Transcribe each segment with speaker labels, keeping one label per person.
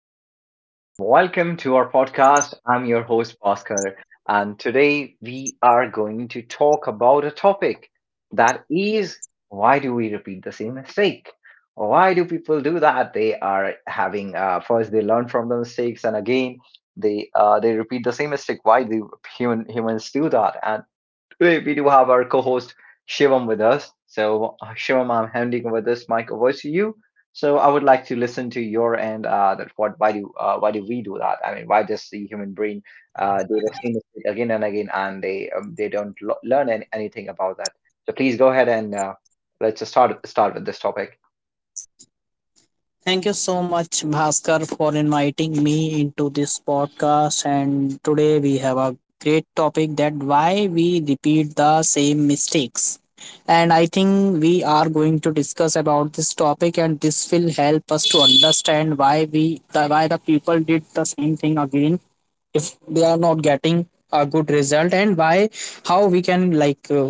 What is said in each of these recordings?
Speaker 1: everyone, and welcome to our podcast. I'm your host, Bhaskar, and today we are going to talk about a topic that is, why do we repeat the same mistake? Why do people do that? They are having, first they learn from the mistakes, and again they they repeat the same mistake. Why do humans do that? Today we do have our co-host Shivam with us. So Shivam, I'm handing over this mic over to you. So I would like to listen to your end. That what why do we do that? I mean, why does the human brain do the same mistake again and again, and they don't learn an anything about that? So please go ahead and let's just start with this topic.
Speaker 2: Thank you so much, Bhaskar, for inviting me into this podcast. And today we have a great topic: that why we repeat the same mistakes. And I think we are going to discuss about this topic, and this will help us to understand why the people did the same thing again if they are not getting a good result, and why how we can, like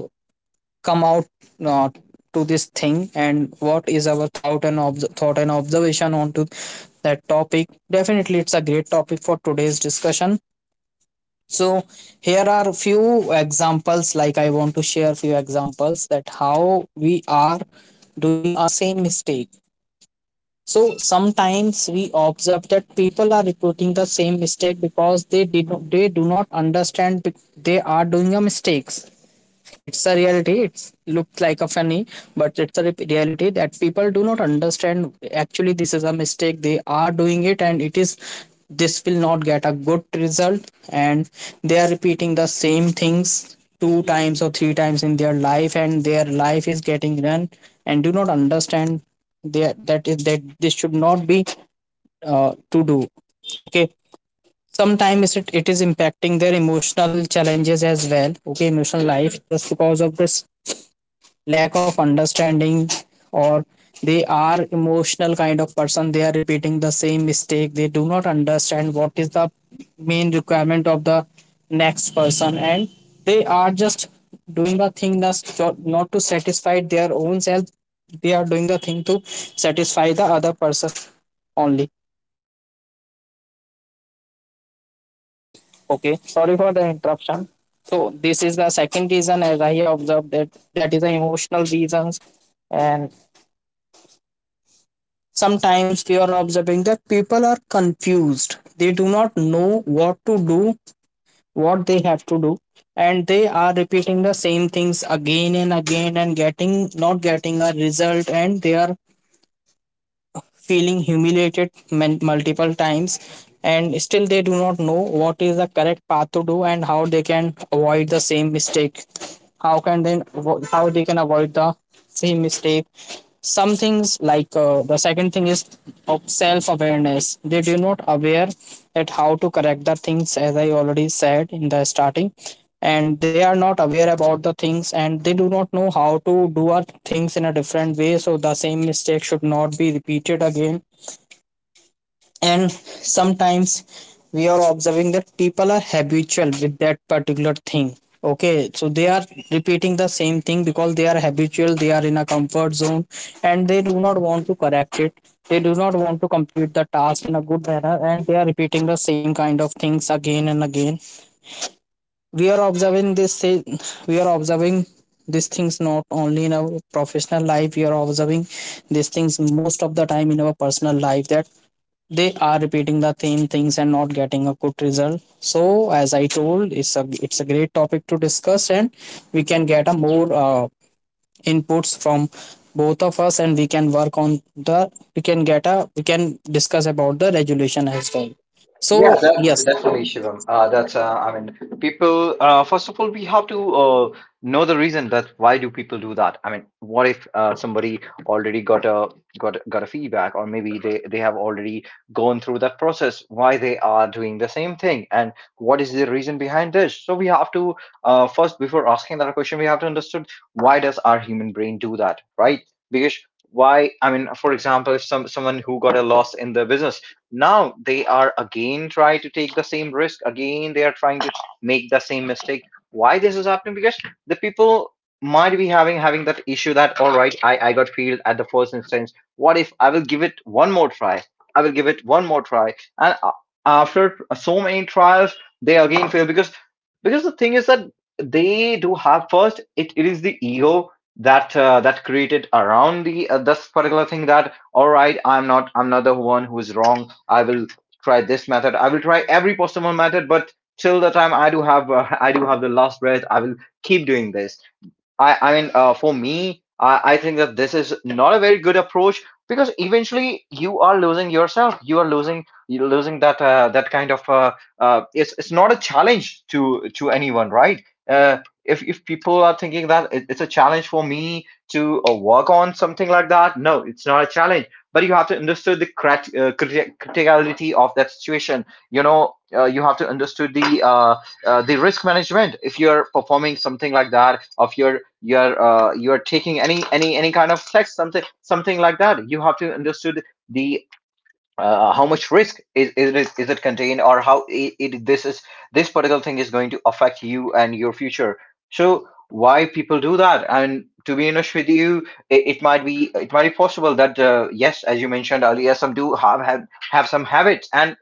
Speaker 2: come out uh, to this thing, and what is our thought and observation onto that topic. Definitely it's a great topic for today's discussion. So here are few examples, like I want to share few examples that how we are doing our same mistake. So sometimes we observe that people are repeating the same mistake because they do not understand they are doing a mistakes. It's a reality, it looks like a funny, but it's a reality that people do not understand actually this is a mistake they are doing it, and it is this will not get a good result, and they are repeating the same things two times or three times in their life, and their life is getting run and do not understand there that is that this should not be to do. Okay, sometimes it is impacting their emotional challenges as well. Okay, emotional life, just because of this lack of understanding, or they are emotional kind of person, they are repeating the same mistake. They do not understand what is the main requirement of the next person, and they are just doing the thing that's not to satisfy their own self, they are doing the thing to satisfy the other person only. Okay, sorry for the interruption. So this is the second reason, as I observed, that that is the emotional reasons. And sometimes we are observing that people are confused. They do not know what to do, what they have to do, and they are repeating the same things again and again and getting not getting a result, and they are feeling humiliated multiple times, and still they do not know what is the correct path to do and how they can avoid the same mistake. how can then how they can avoid the same mistake? Some things like, the second thing is of self awareness. They do not aware at how to correct the things, as I already said in the starting. And they are not aware about the things, and they do not know how to do our things in a different way, so the same mistake should not be repeated again. And sometimes we are observing that people are habitual with that particular thing. Okay, so they are repeating the same thing because they are habitual, they are in a comfort zone, and they do not want to correct it. They do not want to complete the task in a good manner, and they are repeating the same kind of things again and again. We are observing this, we are observing these things not only in our professional life, we are observing these things most of the time in our personal life, that they are repeating the same things and not getting a good result. So as I told, it's a great topic to discuss, and we can get a more inputs from both of us, and we can work on the, we can discuss about the resolution as well.
Speaker 1: Yeah,
Speaker 2: So
Speaker 1: that,
Speaker 2: yes.
Speaker 1: definitely, Shivam. I mean, people, first of all, we have to know the reason that why do people do that? I mean, what if somebody already got a feedback, or maybe they have already gone through that process, why they are doing the same thing, and what is the reason behind this? So we have to first, before asking that question, we have to understand why does our human brain do that, right? Because why, I mean, for example, if someone who got a loss in the business now they are again try to take the same risk again, they are trying to make the same mistake. Why this is happening? Because the people might be having that issue that, all right, I got failed at the first instance. What if I will give it one more try? I will give it one more try. and a- After so many trials, they again fail. Because the thing is that they do have, first it, it is the ego that that created around the this particular thing that, all right, I'm not the one who is wrong. I will try this method. I will try every possible method. But till the time I do have, I do have the last breath, I will keep doing this. I mean, for me, I think that this is not a very good approach because eventually you are losing yourself. You are losing, you're losing that that kind of. It's not a challenge to anyone, right? Uh, if people are thinking that it, it's a challenge for me to work on something like that, no, it's not a challenge. But you have to understand the criticality of that situation. You know, you have to understand the risk management if you're performing something like that, or if you're taking any kind of text, something like that. You have to understood the how much risk is it contained, or how it, this is, this particular thing is going to affect you and your future. So why people do that? And to be honest with you, it might be, it might be possible that, yes, as you mentioned earlier, some do have some habits. And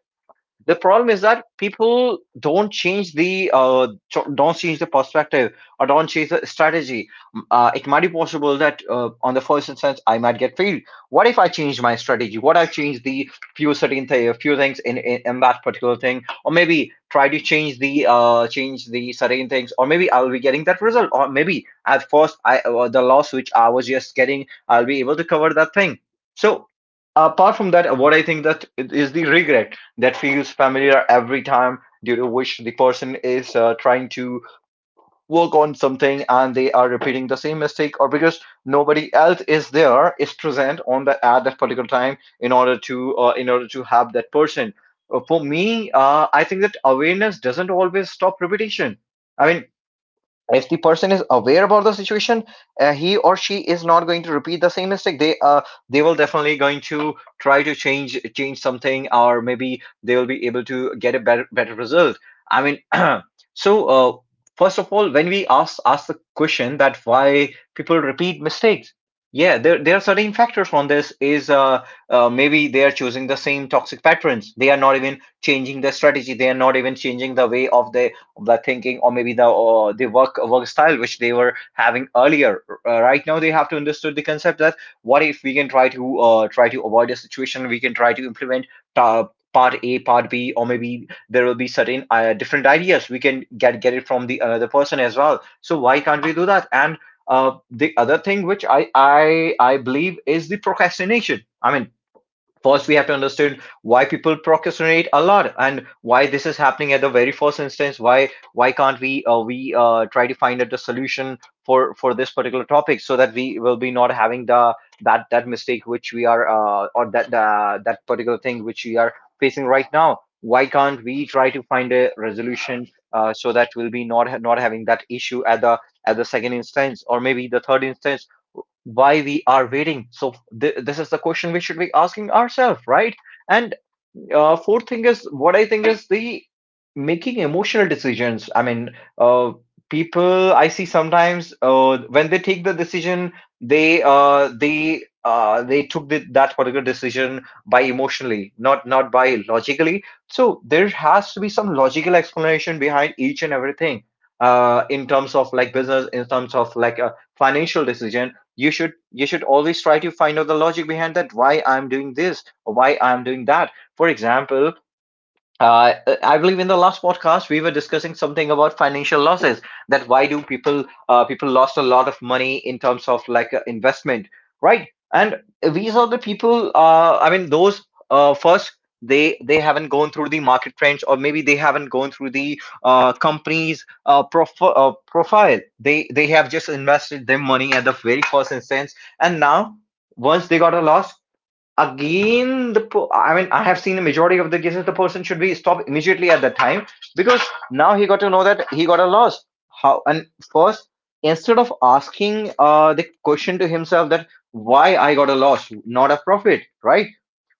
Speaker 1: the problem is that people don't change the don't change the perspective or don't change the strategy. It might be possible that on the first instance I might get failed. What if I change my strategy? What if I change the few certain few things in, in that particular thing, or maybe try to change the certain things, or maybe I'll be getting that result, or maybe at first I the loss which I was just getting, I'll be able to cover that thing. So apart from that, what I think that is the regret that feels familiar every time, due to which the person is trying to work on something and they are repeating the same mistake, or because nobody else is present on that at that particular time in order to have that person. For me, I think that awareness doesn't always stop repetition. I mean, if the person is aware about the situation, he or she is not going to repeat the same mistake. They they will definitely going to try to change something, or maybe they will be able to get a better result. I mean. So first of all, when we ask the question that why people repeat mistakes, yeah, there are certain factors on this. Is maybe they are choosing the same toxic patterns, they are not even changing their strategy, they are not even changing the way of the thinking, or maybe the work style which they were having earlier. Right now, they have to understand the concept that what if we can try to try to avoid a situation, we can try to implement. Uh, Part A, part B, or maybe there will be certain different ideas we can get it from the another person as well. So why can't we do that? And the other thing which I believe is the procrastination. I mean, first we have to understand why people procrastinate a lot, and why this is happening at the very first instance. Why can't we try to find out the solution for this particular topic, so that we will be not having the that mistake which we are, or that that particular thing which we are facing right now. Why can't we try to find a resolution, so that we'll be not having that issue at the second instance, or maybe the third instance? Why we are waiting? So this is the question we should be asking ourselves, right? And fourth thing is what I think is the making emotional decisions. I mean, uh, people I see sometimes when they take the decision, they they took the, that particular decision by emotionally, not not by logically. So there has to be some logical explanation behind each and everything. In terms of like business, in terms of like a financial decision, you should, you should always try to find out the logic behind that. Why I'm doing this, or why I'm doing that? For example, uh, I believe in the last podcast we were discussing something about financial losses. That why do people lost a lot of money in terms of like investment, right? And these are the people. I mean, those first they haven't gone through the market trends, or maybe they haven't gone through the company's profile. They have just invested their money at the very first instance, and now once they got a loss, again I mean, I have seen a majority of the cases the person should be stopped immediately at that time. Because now he got to know that he got a loss how. And first, instead of asking the question to himself that why I got a loss, not a profit, right?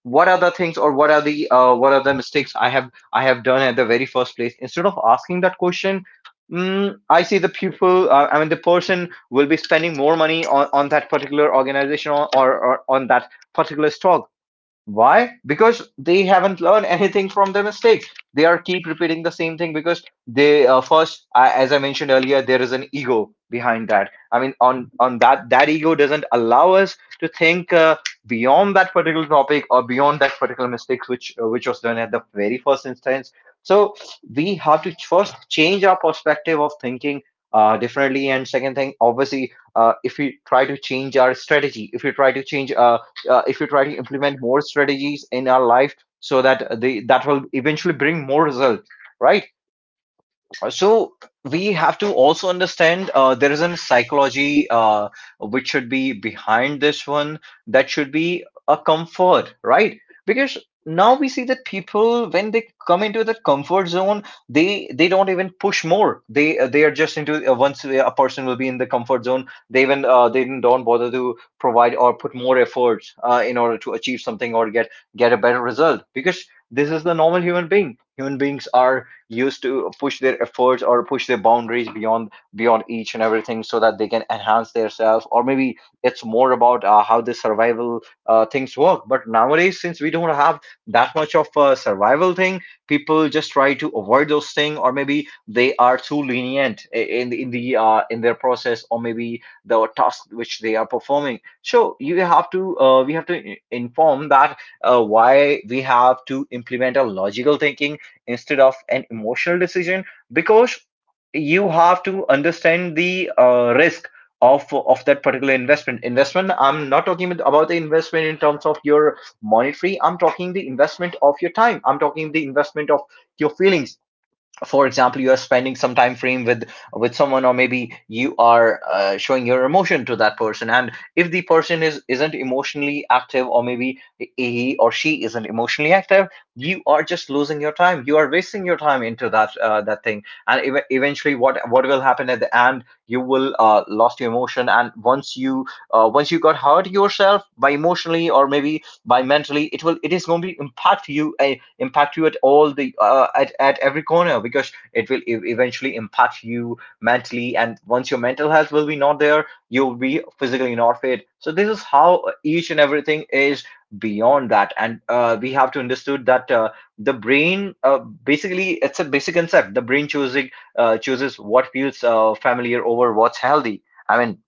Speaker 1: What are the things, or what are the mistakes I have done at the very first place? Instead of asking that question, I see the pupil, I mean the person will be spending more money on that particular organization, or on that particular stock. Why? Because they haven't learned anything from their mistakes. They are keep repeating the same thing because they, as I mentioned earlier, there is an ego behind that. I mean, on that that ego doesn't allow us to think beyond that particular topic, or beyond that particular mistakes which was done at the very first instance. So we have to first change our perspective of thinking differently, and second thing, obviously, if we try to change our strategy, if we try to change if you try to implement more strategies in our life so that they that will eventually bring more results, right. So we have to also understand, there is a psychology which should be behind this one. That should be a comfort, right? Because now we see that people, when they come into that comfort zone, they don't even push more, they are just into, once a person will be in the comfort zone, they even they don't bother to provide or put more efforts in order to achieve something or get a better result. Because this is the normal human being. Human beings are used to push their efforts or push their boundaries beyond each and everything so that they can enhance themselves, or maybe it's more about, how the survival things work. But nowadays, since we don't have that much of a survival thing, people just try to avoid those things, or maybe they are too lenient in their process, or maybe the task which they are performing. So you have to we have to inform that, why we have to implement a logical thinking instead of an emotional decision. Because you have to understand the risk of that particular investment. Investment, I'm not talking about the investment in terms of your monetary. I'm talking the investment of your time, I'm talking the investment of your feelings. For example, you are spending some time frame with someone, or maybe you are showing your emotion to that person, and if the person is isn't emotionally active, or maybe he or she isn't emotionally active, you are just losing your time, you are wasting your time into that that thing. And eventually, what will happen at the end, you will lost your emotion, and once you got hurt yourself by emotionally or maybe by mentally, it will it is going to impact you, impact you at all the at every corner, because it will eventually impact you mentally. And once your mental health will be not there, you'll be physically not fit. So this is how each and everything is beyond that, and we have to understood that, the brain, basically, it's a basic concept. The brain choosing chooses what feels familiar over what's healthy. I mean,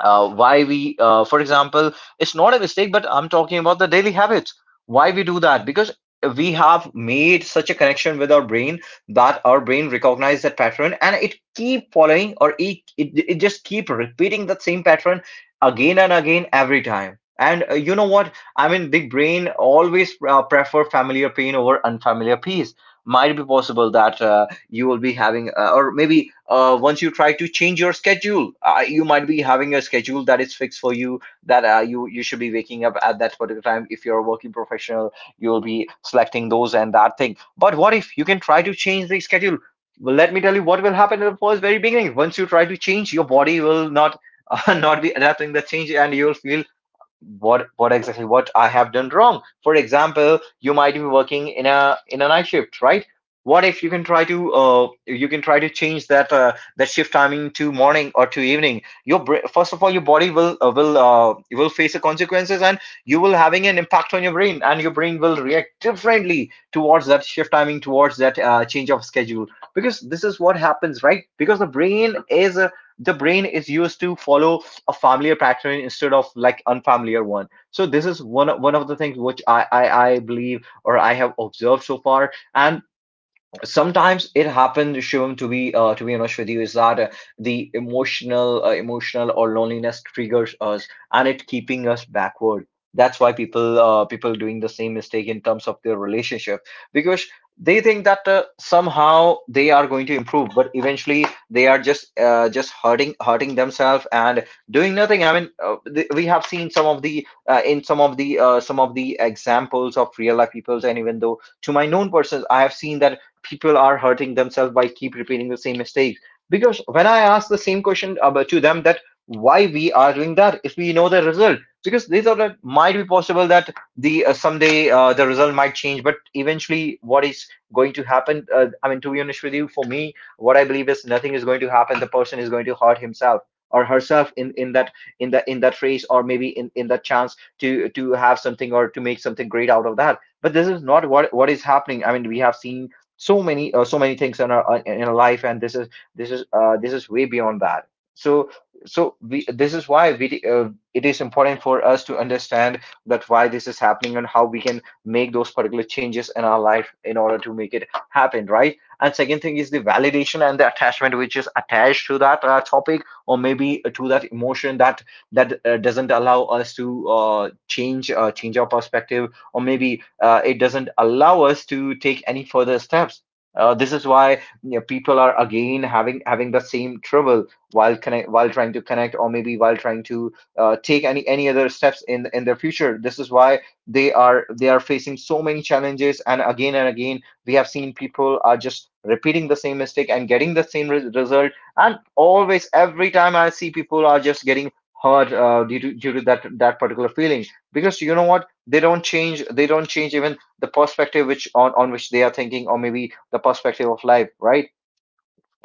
Speaker 1: why we for example, it's not a mistake, but I'm talking about the daily habits. Why we do that? Because we have made such a connection with our brain that our brain recognizes that pattern, and it keep following, or it just keep repeating that same pattern again and again, every time. And you know what I mean, the brain always prefer familiar pain over unfamiliar peace. Might be possible that you will be having, or maybe once you try to change your schedule, you might be having a schedule that is fixed for you, that you should be waking up at that particular time. If you're a working professional, you will be selecting those and that thing. But what if you can try to change the schedule? Well, let me tell you what will happen at the first very beginning. Once you try to change, your body will not not be adapting the change, and you'll feel what exactly what I have done wrong. For example, you might be working in a night shift, right? What if you can try to you can try to change that that shift timing to morning or to evening? Your first of all, your body will you will face the consequences, and you will having an impact on your brain, and your brain will react differently towards that shift timing, towards that change of schedule. Because this is what happens, right? Because the brain is used to follow a familiar pattern instead of like unfamiliar one. So this is one of the things which I believe or I have observed so far. And sometimes it happens, Shivam, to be honest with you, is that the emotional or loneliness triggers us, and it keeping us backward. That's why people people doing the same mistake in terms of their relationship, because they think that somehow they are going to improve, but eventually they are just hurting themselves and doing nothing. I mean, we have seen some of the some of the examples of real life peoples, and even though to my known persons, I have seen that people are hurting themselves by keep repeating the same mistakes. Because when I ask the same question about to them that why we are doing that if we know the result, because they thought that might be possible that the someday the result might change. But eventually, what is going to happen? I mean, to be honest with you, for me, what I believe is nothing is going to happen. The person is going to hurt himself or herself in in that race, or maybe in that chance to have something or to make something great out of that. But this is not what is happening. I mean, we have seen so many so many things in our life, and this is this is this is way beyond that. So we, this is why we, it is important for us to understand that why this is happening and how we can make those particular changes in our life in order to make it happen, right? And second thing is the validation and the attachment which is attached to that topic, or maybe to that emotion, that doesn't allow us to change our perspective, or maybe it doesn't allow us to take any further steps. This is why, you know, people are again having the same trouble while connect while trying to connect, or maybe while trying to take any other steps in their future. This is why they are facing so many challenges, and again we have seen people are just repeating the same mistake and getting the same result. And always, every time I see people are just getting hurt due to due to that that particular feeling. Because you know what, they don't change even the perspective on which they are thinking, or maybe the perspective of life, right?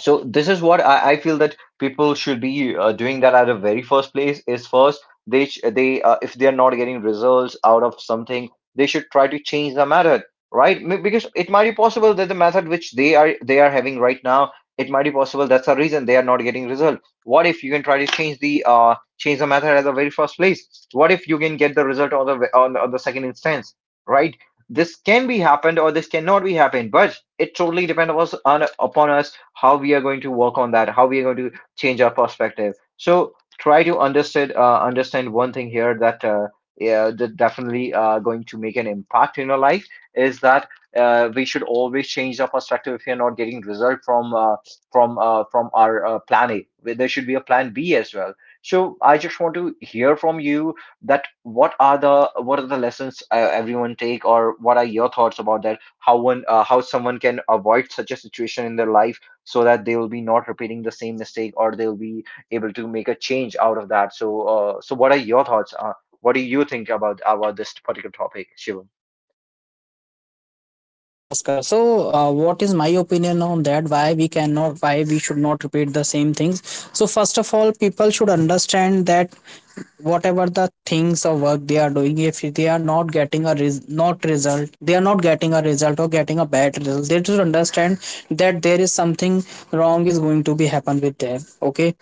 Speaker 1: So this is what I feel that people should be doing that at the very first place is, first they sh- they if they are not getting results out of something, they should try to change the method, right? Because it might be possible that the method which they are having right now, it might be possible that's the reason they are not getting result. What if you can try to change the method at the very first place? What if you can get the result on the on the second instance, right? This can be happened or this cannot be happened, but it totally depends on us, on upon us, how we are going to work on that, how we are going to change our perspective. So try to understand, understand one thing here, that yeah, that definitely going to make an impact in your life, is that we should always change our perspective if we are not getting result from from our plan A. There should be a plan B as well. So I just want to hear from you that what are the lessons everyone take, or what are your thoughts about that, how one how someone can avoid such a situation in their life so that they will be not repeating the same mistake, or they'll be able to make a change out of that. So so what are your thoughts, what do you think about this particular topic, Shivam?
Speaker 2: Yes, Bhaskar. So, what is my opinion on that? Why we cannot, why we should not repeat the same things? So, first of all, people should understand that whatever the things or work they are doing, if they are not getting a res- not result, they are not getting a result or getting a bad result, they should understand that there is something wrong is going to be happen with them. Okay,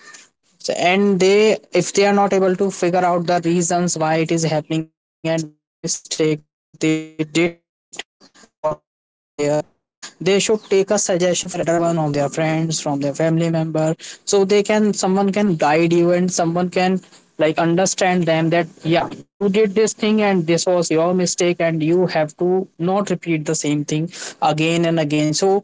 Speaker 2: so, and they, if they are not able to figure out the reasons why it is happening and what mistake they did over there, they should take a suggestion from their elder one, from their friends, from their family member, so they can, someone can guide you, and someone can like understand them that yeah, you did this thing and this was your mistake, and you have to not repeat the same thing again and again. So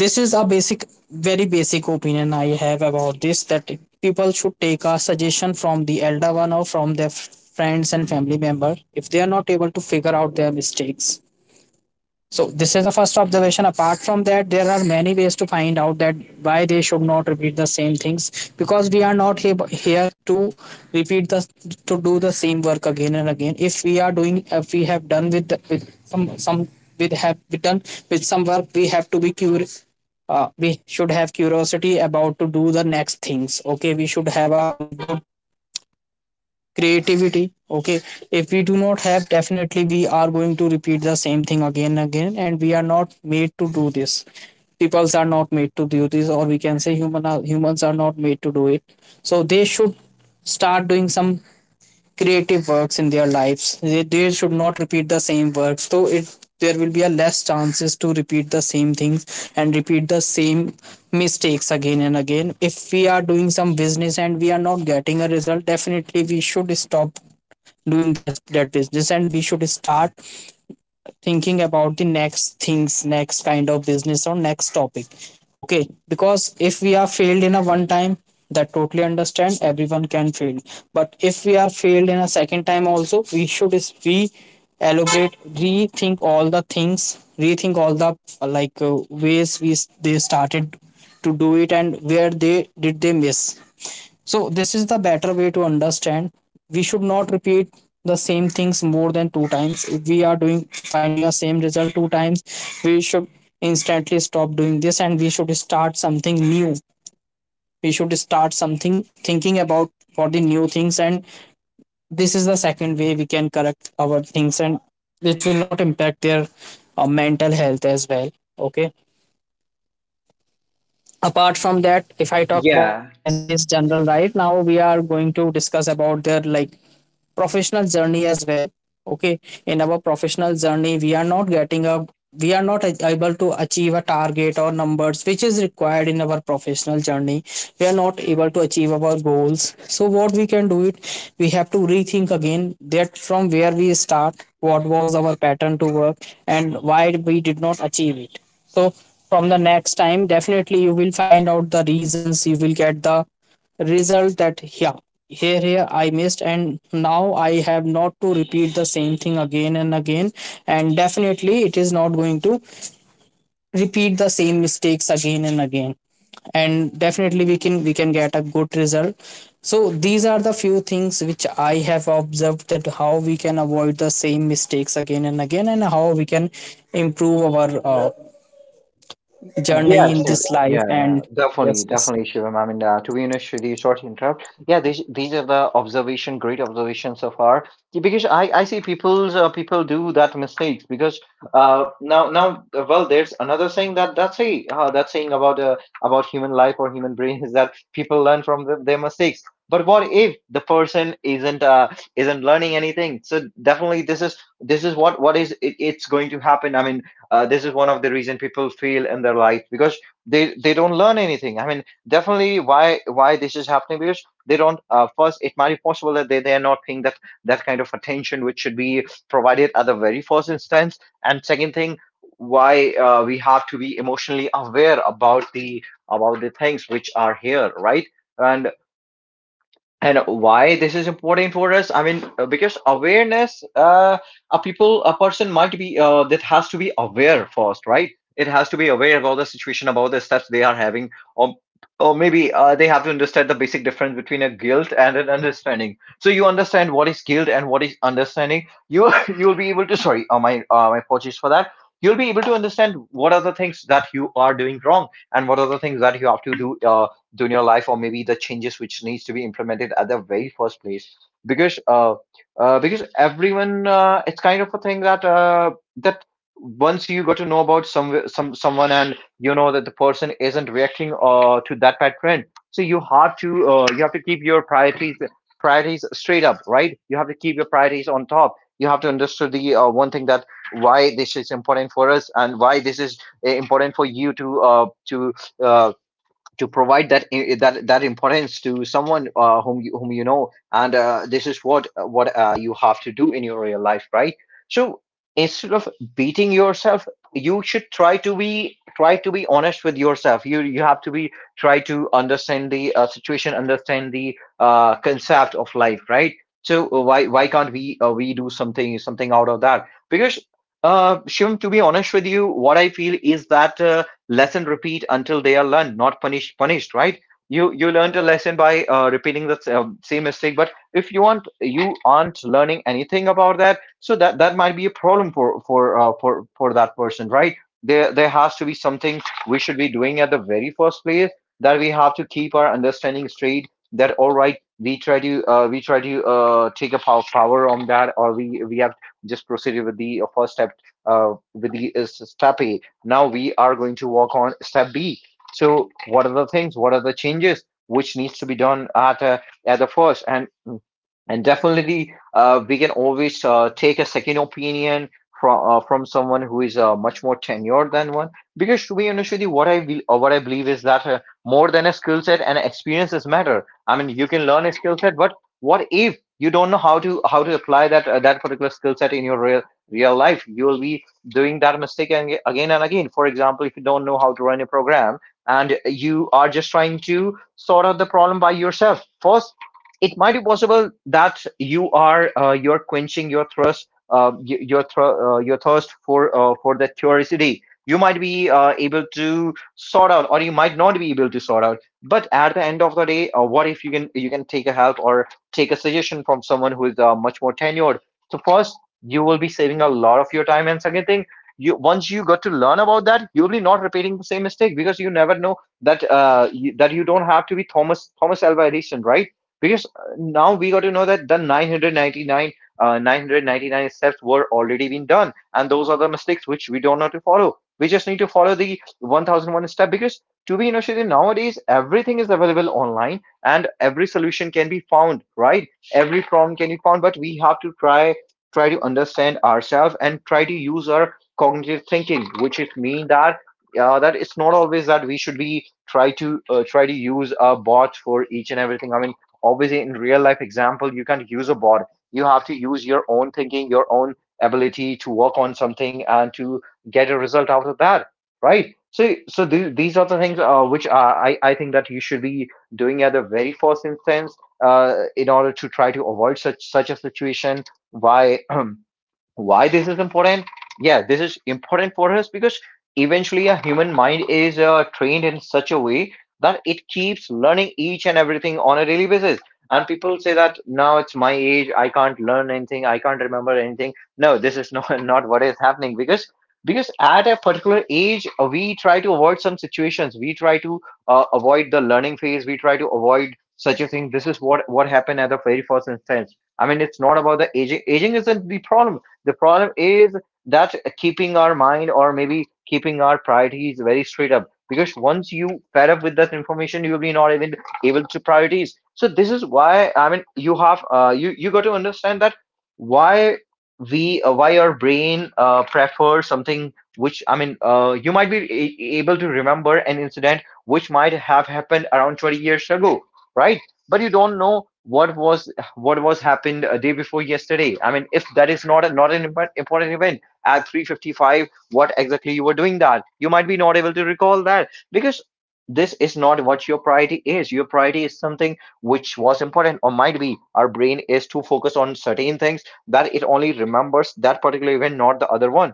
Speaker 2: this is a basic, very basic opinion I have about this, that people should take a suggestion from the elder one or from their friends and family member if they are not able to figure out their mistakes. So this is the first observation. Apart from that, there are many ways to find out that why they should not repeat the same things, because we are not here to repeat the to do the same work again and again. If we are doing, if we have done with, the, with some with have we done with some work, we have to be curious. We should have curiosity about to do the next things. Okay, we should have a like good creativity. Okay, if we do not have, definitely we are going to repeat the same thing again and again, and we are not made to do this. Peoples are not made to do this, or we can say humans are not made to do it. So they should start doing some creative works in their lives. They should not repeat the same works, so it there will be a less chances to repeat the same things and repeat the same mistakes again and again. If we are doing some business and we are not getting a result, definitely we should stop doing that business, and we should start thinking about the next things, next kind of business or next topic. Okay, because if we are failed in a one time, that totally understand, everyone can fail. But if we are failed in a second time also, we should is we elaborate, rethink all the things, rethink all the, ways they started to do it and where they miss. So this is the better way to understand. We should not repeat the same things more than two times. If we are doing finding a same result two times, we should instantly stop doing this and we should start something new. We should start something thinking about for the new things. And this is the second way we can correct our things, and it will not impact their mental health as well. Okay. Apart from that, if I talk about
Speaker 1: Yeah,
Speaker 2: business general life, now we are going to discuss about their like professional journey as well. Okay, in our professional journey, we are not getting a, we are not able to achieve a target or numbers which is required in our professional journey, we are not able to achieve our goals. So what we can do it, we have to rethink again that from where we start, what was our pattern to work and why we did not achieve it. So from the next time, definitely you will find out the reasons, you will get the result that yeah, here here I missed, and now I have not to repeat the same thing again and again. And definitely it is not going to repeat the same mistakes again and again. And definitely we can, we can get a good result. So these are the few things which I have observed, that how we can avoid the same mistakes again and again and how we can improve our journey
Speaker 1: Yeah,
Speaker 2: in
Speaker 1: sure.
Speaker 2: this life.
Speaker 1: Yeah, yeah,
Speaker 2: And yes,
Speaker 1: definitely,
Speaker 2: yes.
Speaker 1: definitely, Shivam. I mean, to be honest, Shri, sorry to interrupt. Yeah, these are the observation, great observations so far. Yeah. Because I see people's people do that mistakes because now now well, there's another saying that that's a, that saying about, about human life or human brain is that people learn from their mistakes. But what if the person isn't learning anything? So definitely this is what is it, it's going to happen. I mean this is one of the reason people feel in their life because they don't learn anything, I mean definitely. Why this is happening? Because they don't first, it might be possible that they are not paying that that kind of attention which should be provided at the very first instance. And second thing, why we have to be emotionally aware about the things which are here, right? And and why this is important for us? I mean because awareness, a people a person might be that has to be aware first, right? It has to be aware about the situation, about the steps they are having, or or maybe they have to understand the basic difference between a guilt and an understanding. So you understand what is guilt and what is understanding. You you'll be able to, sorry, my my apologies for that. You'll be able to understand what are the things that you are doing wrong and what are the things that you have to do during your life, or maybe the changes which needs to be implemented at the very first place. Because because everyone, it's kind of a thing that that once you got to know about some someone and you know that the person isn't reacting to that pattern, so you have to keep your priorities, priorities straight up, right? You have to keep your priorities on top. You have to understand the one thing that why this is important for us and why this is important for you to uh, to provide that that that importance to someone whom you know. And this is what you have to do in your real life, right? So instead of beating yourself, you should try to be honest with yourself. You have to be try to understand the situation, understand the concept of life, right? So why can't we do something something out of that? Because Shivam, to be honest with you, what I feel is that lesson repeat until they are learned, not punished, punished, right? You learned a lesson by repeating the same mistake, but if you aren't, you aren't learning anything about that. So that that might be a problem for that person, right? There has to be something we should be doing at the very first place, that we have to keep our understanding straight, that all right, we try to take a power, power on that, or we have just proceeded with the first step, with the step A. Now we are going to work on step B. So what are the things? What are the changes which needs to be done at the first? And definitely, we can always take a second opinion from someone who is much more tenured than one. Because to be honest with you, what what I believe is that more than a skill set and experiences matter. I mean, you can learn a skill set, but what if you don't know how to apply that that particular skill set in your real real life? You will be doing that again and again. For example, if you don't know how to run a program and you are just trying to sort out the problem by yourself first, it might be possible that you are you're quenching your thirst, your thirst for the curiosity. You might be able to sort out or you might not be able to sort out, but at the end of the day, what if you can you can take a help or take a suggestion from someone who is much more tenured? So first, you will be saving a lot of your time. And second thing, you once you got to learn about that, you'll be not repeating the same mistake. Because you never know that that you don't have to be Thomas Alva Edison, right? Because now we got to know that the 999 999 steps were already been done, and those are the mistakes which we don't know to follow. We just need to follow the 1001 step, because to be initiated, nowadays everything is available online and every solution can be found, right? Every problem can be found, but we have to try try to understand ourselves and try to use our cognitive thinking, which it mean that that it's not always that we should be try to try to use a bot for each and everything. I mean obviously in real life example, you can't use a bot. You have to use your own thinking, your own ability to work on something and to get a result out of that, right? So these are the things which I think that you should be doing at the very first instance, in order to try to avoid such such a situation by why this is important. Yeah, this is important for us because eventually a human mind is trained in such a way that it keeps learning each and everything on a daily basis. And people say that now it's my age, I can't learn anything, I can't remember anything. No, this is not not what is happening. Because at a particular age, we try to avoid some situations, we try to avoid the learning phase, we try to avoid such a thing. This is what happened at the very first instance. I mean it's not about the aging, aging isn't the problem. The problem is that keeping our mind or maybe keeping our priorities very straight up. Because once you fed up with that information, you will be not even able to priorities. So this is why, I mean, you have you got to understand that why we why our brain prefer something which, I mean, you might be able to remember an incident which might have happened around 20 years ago, right? But you don't know what was what was happened a day before yesterday. I mean, if that is not a, not an important event at 3:55, what exactly you were doing that? You might be not able to recall that because this is not what your priority is. Your priority is something which was important or might be. Our brain is too focused on certain things that it only remembers that particular event, not the other one.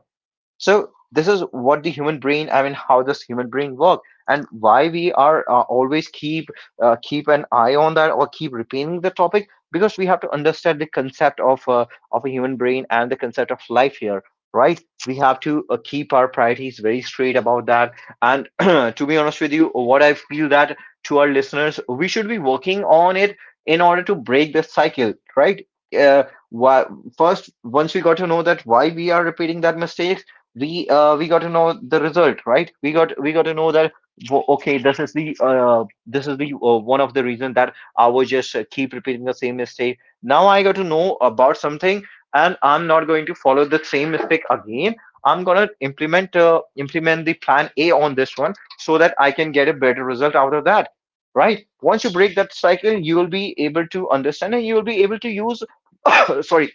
Speaker 1: So this is what the human brain, I mean, how this human brain work. And why we are always keep keep an eye on that or keep repeating the topic? Because we have to understand the concept of a human brain and the concept of life here, right? We have to keep our priorities very straight about that. And to be honest with you, what I feel that to our listeners, we should be working on it in order to break this cycle, right? uh, why, first once we got to know that why we are repeating that mistake, we got to know the result, right? We got to know that okay, this is the one of the reason that I was just keep repeating the same mistake. Now I got to know about something, and I'm not going to follow the same mistake again. I'm gonna implement implement the plan A on this one, so that I can get a better result out of that. Right? Once you break that cycle, you will be able to understand and you will be able to use sorry,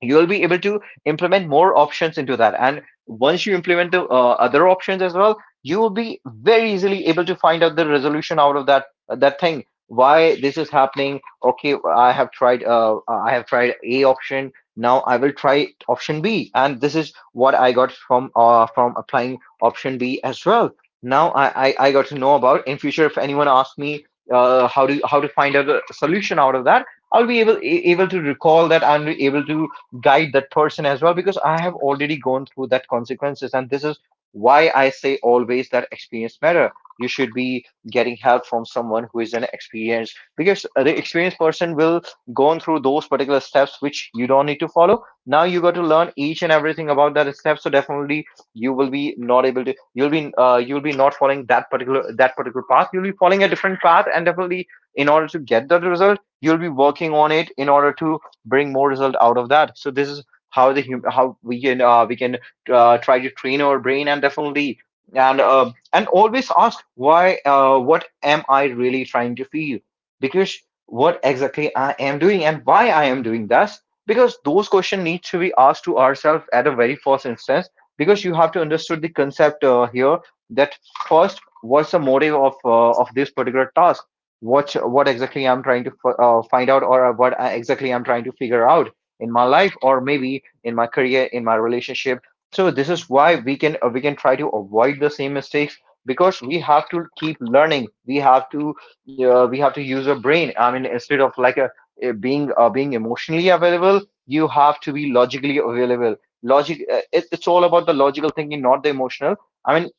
Speaker 1: you'll be able to implement more options into that. And once you implement the other options as well, you will be very easily able to find out the resolution out of that that thing, why this is happening. Okay, I have tried, I have tried a option, now I will try option B. And this is what I got from applying option B as well. Now I got to know about in future if anyone asks me how to find out the solution out of that, I'll be able able to recall that and be able to guide that person as well, because I have already gone through that consequences. And this is why I say always that experience matter. You should be getting help from someone who is an experienced, because the experienced person will go through those particular steps which you don't need to follow. Now you got to learn each and everything about that step. So definitely you will be not able to, you'll be not following that particular path. You'll be following a different path, and definitely in order to get that result you'll be working on it in order to bring more result out of that. So this is how how we can try to train our brain. And definitely and always ask why what am I really trying to feel, because what exactly I am doing and why I am doing this, because those questions need to be asked to ourselves at a very first instance, because you have to understood the concept here that first what's the motive of this particular task. What exactly I'm trying to find out, or what exactly I'm trying to figure out in my life, or maybe in my career, in my relationship. So this is why we can try to avoid the same mistakes, because we have to keep learning. We have to we have to use our brain, I mean, instead of like a being being emotionally available, you have to be logically available. Logic It's all about the logical thinking, not the emotional. I mean,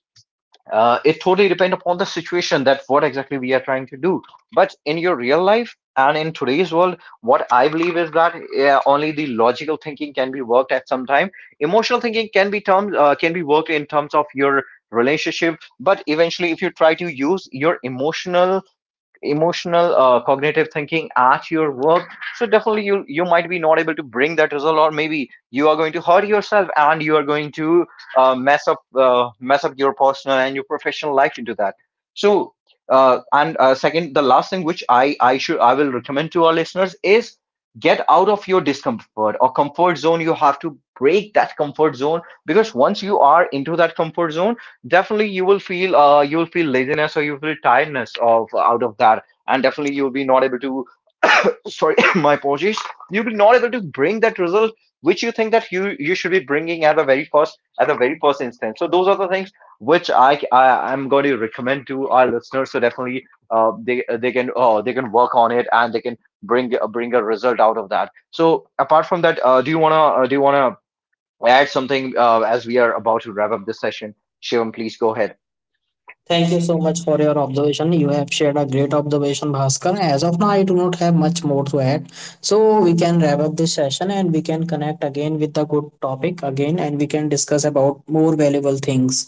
Speaker 1: it totally depends upon the situation, that what exactly we are trying to do. But in your real life and in today's world, what I believe is that only the logical thinking can be worked at some time. Emotional thinking can be terms can be worked in terms of your relationship. But eventually, if you try to use your emotional emotional cognitive thinking at your work, so definitely you might be not able to bring that result, or maybe you are going to hurt yourself, and you are going to mess up your personal and your professional life into that. So and second, the last thing which I will recommend to our listeners is get out of your discomfort or comfort zone. You have to break that comfort zone, because once you are into that comfort zone, definitely you will feel laziness, or you will feel tiredness of out of that, and definitely you will be not able to sorry my apologies, you'll be not able to bring that result which you think that you should be bringing at the very first instance. So those are the things which I am going to recommend to our listeners. So definitely they can they can work on it, and they can bring a result out of that. So apart from that, do you want to do you want to add something, as we are about to wrap up this session. Shivam, please go ahead.
Speaker 2: Thank you so much for your observation. You have shared a great observation, Bhaskar. As of now, I do not have much more to add. So we can wrap up this session and we can connect again with a good topic again, and we can discuss about more valuable things.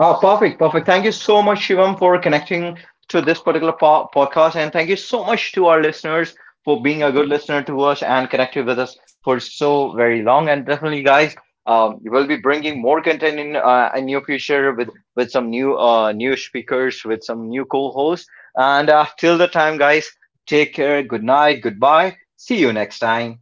Speaker 1: Oh, perfect, perfect. Thank you so much, Shivam, for connecting to this particular podcast. And thank you so much to our listeners for being a good listener to us and connected with us for so very long. And definitely, guys, we'll be bringing more content in near future with some new new speakers, with some new co-hosts. And till the time, guys, take care. Good night. Goodbye. See you next time.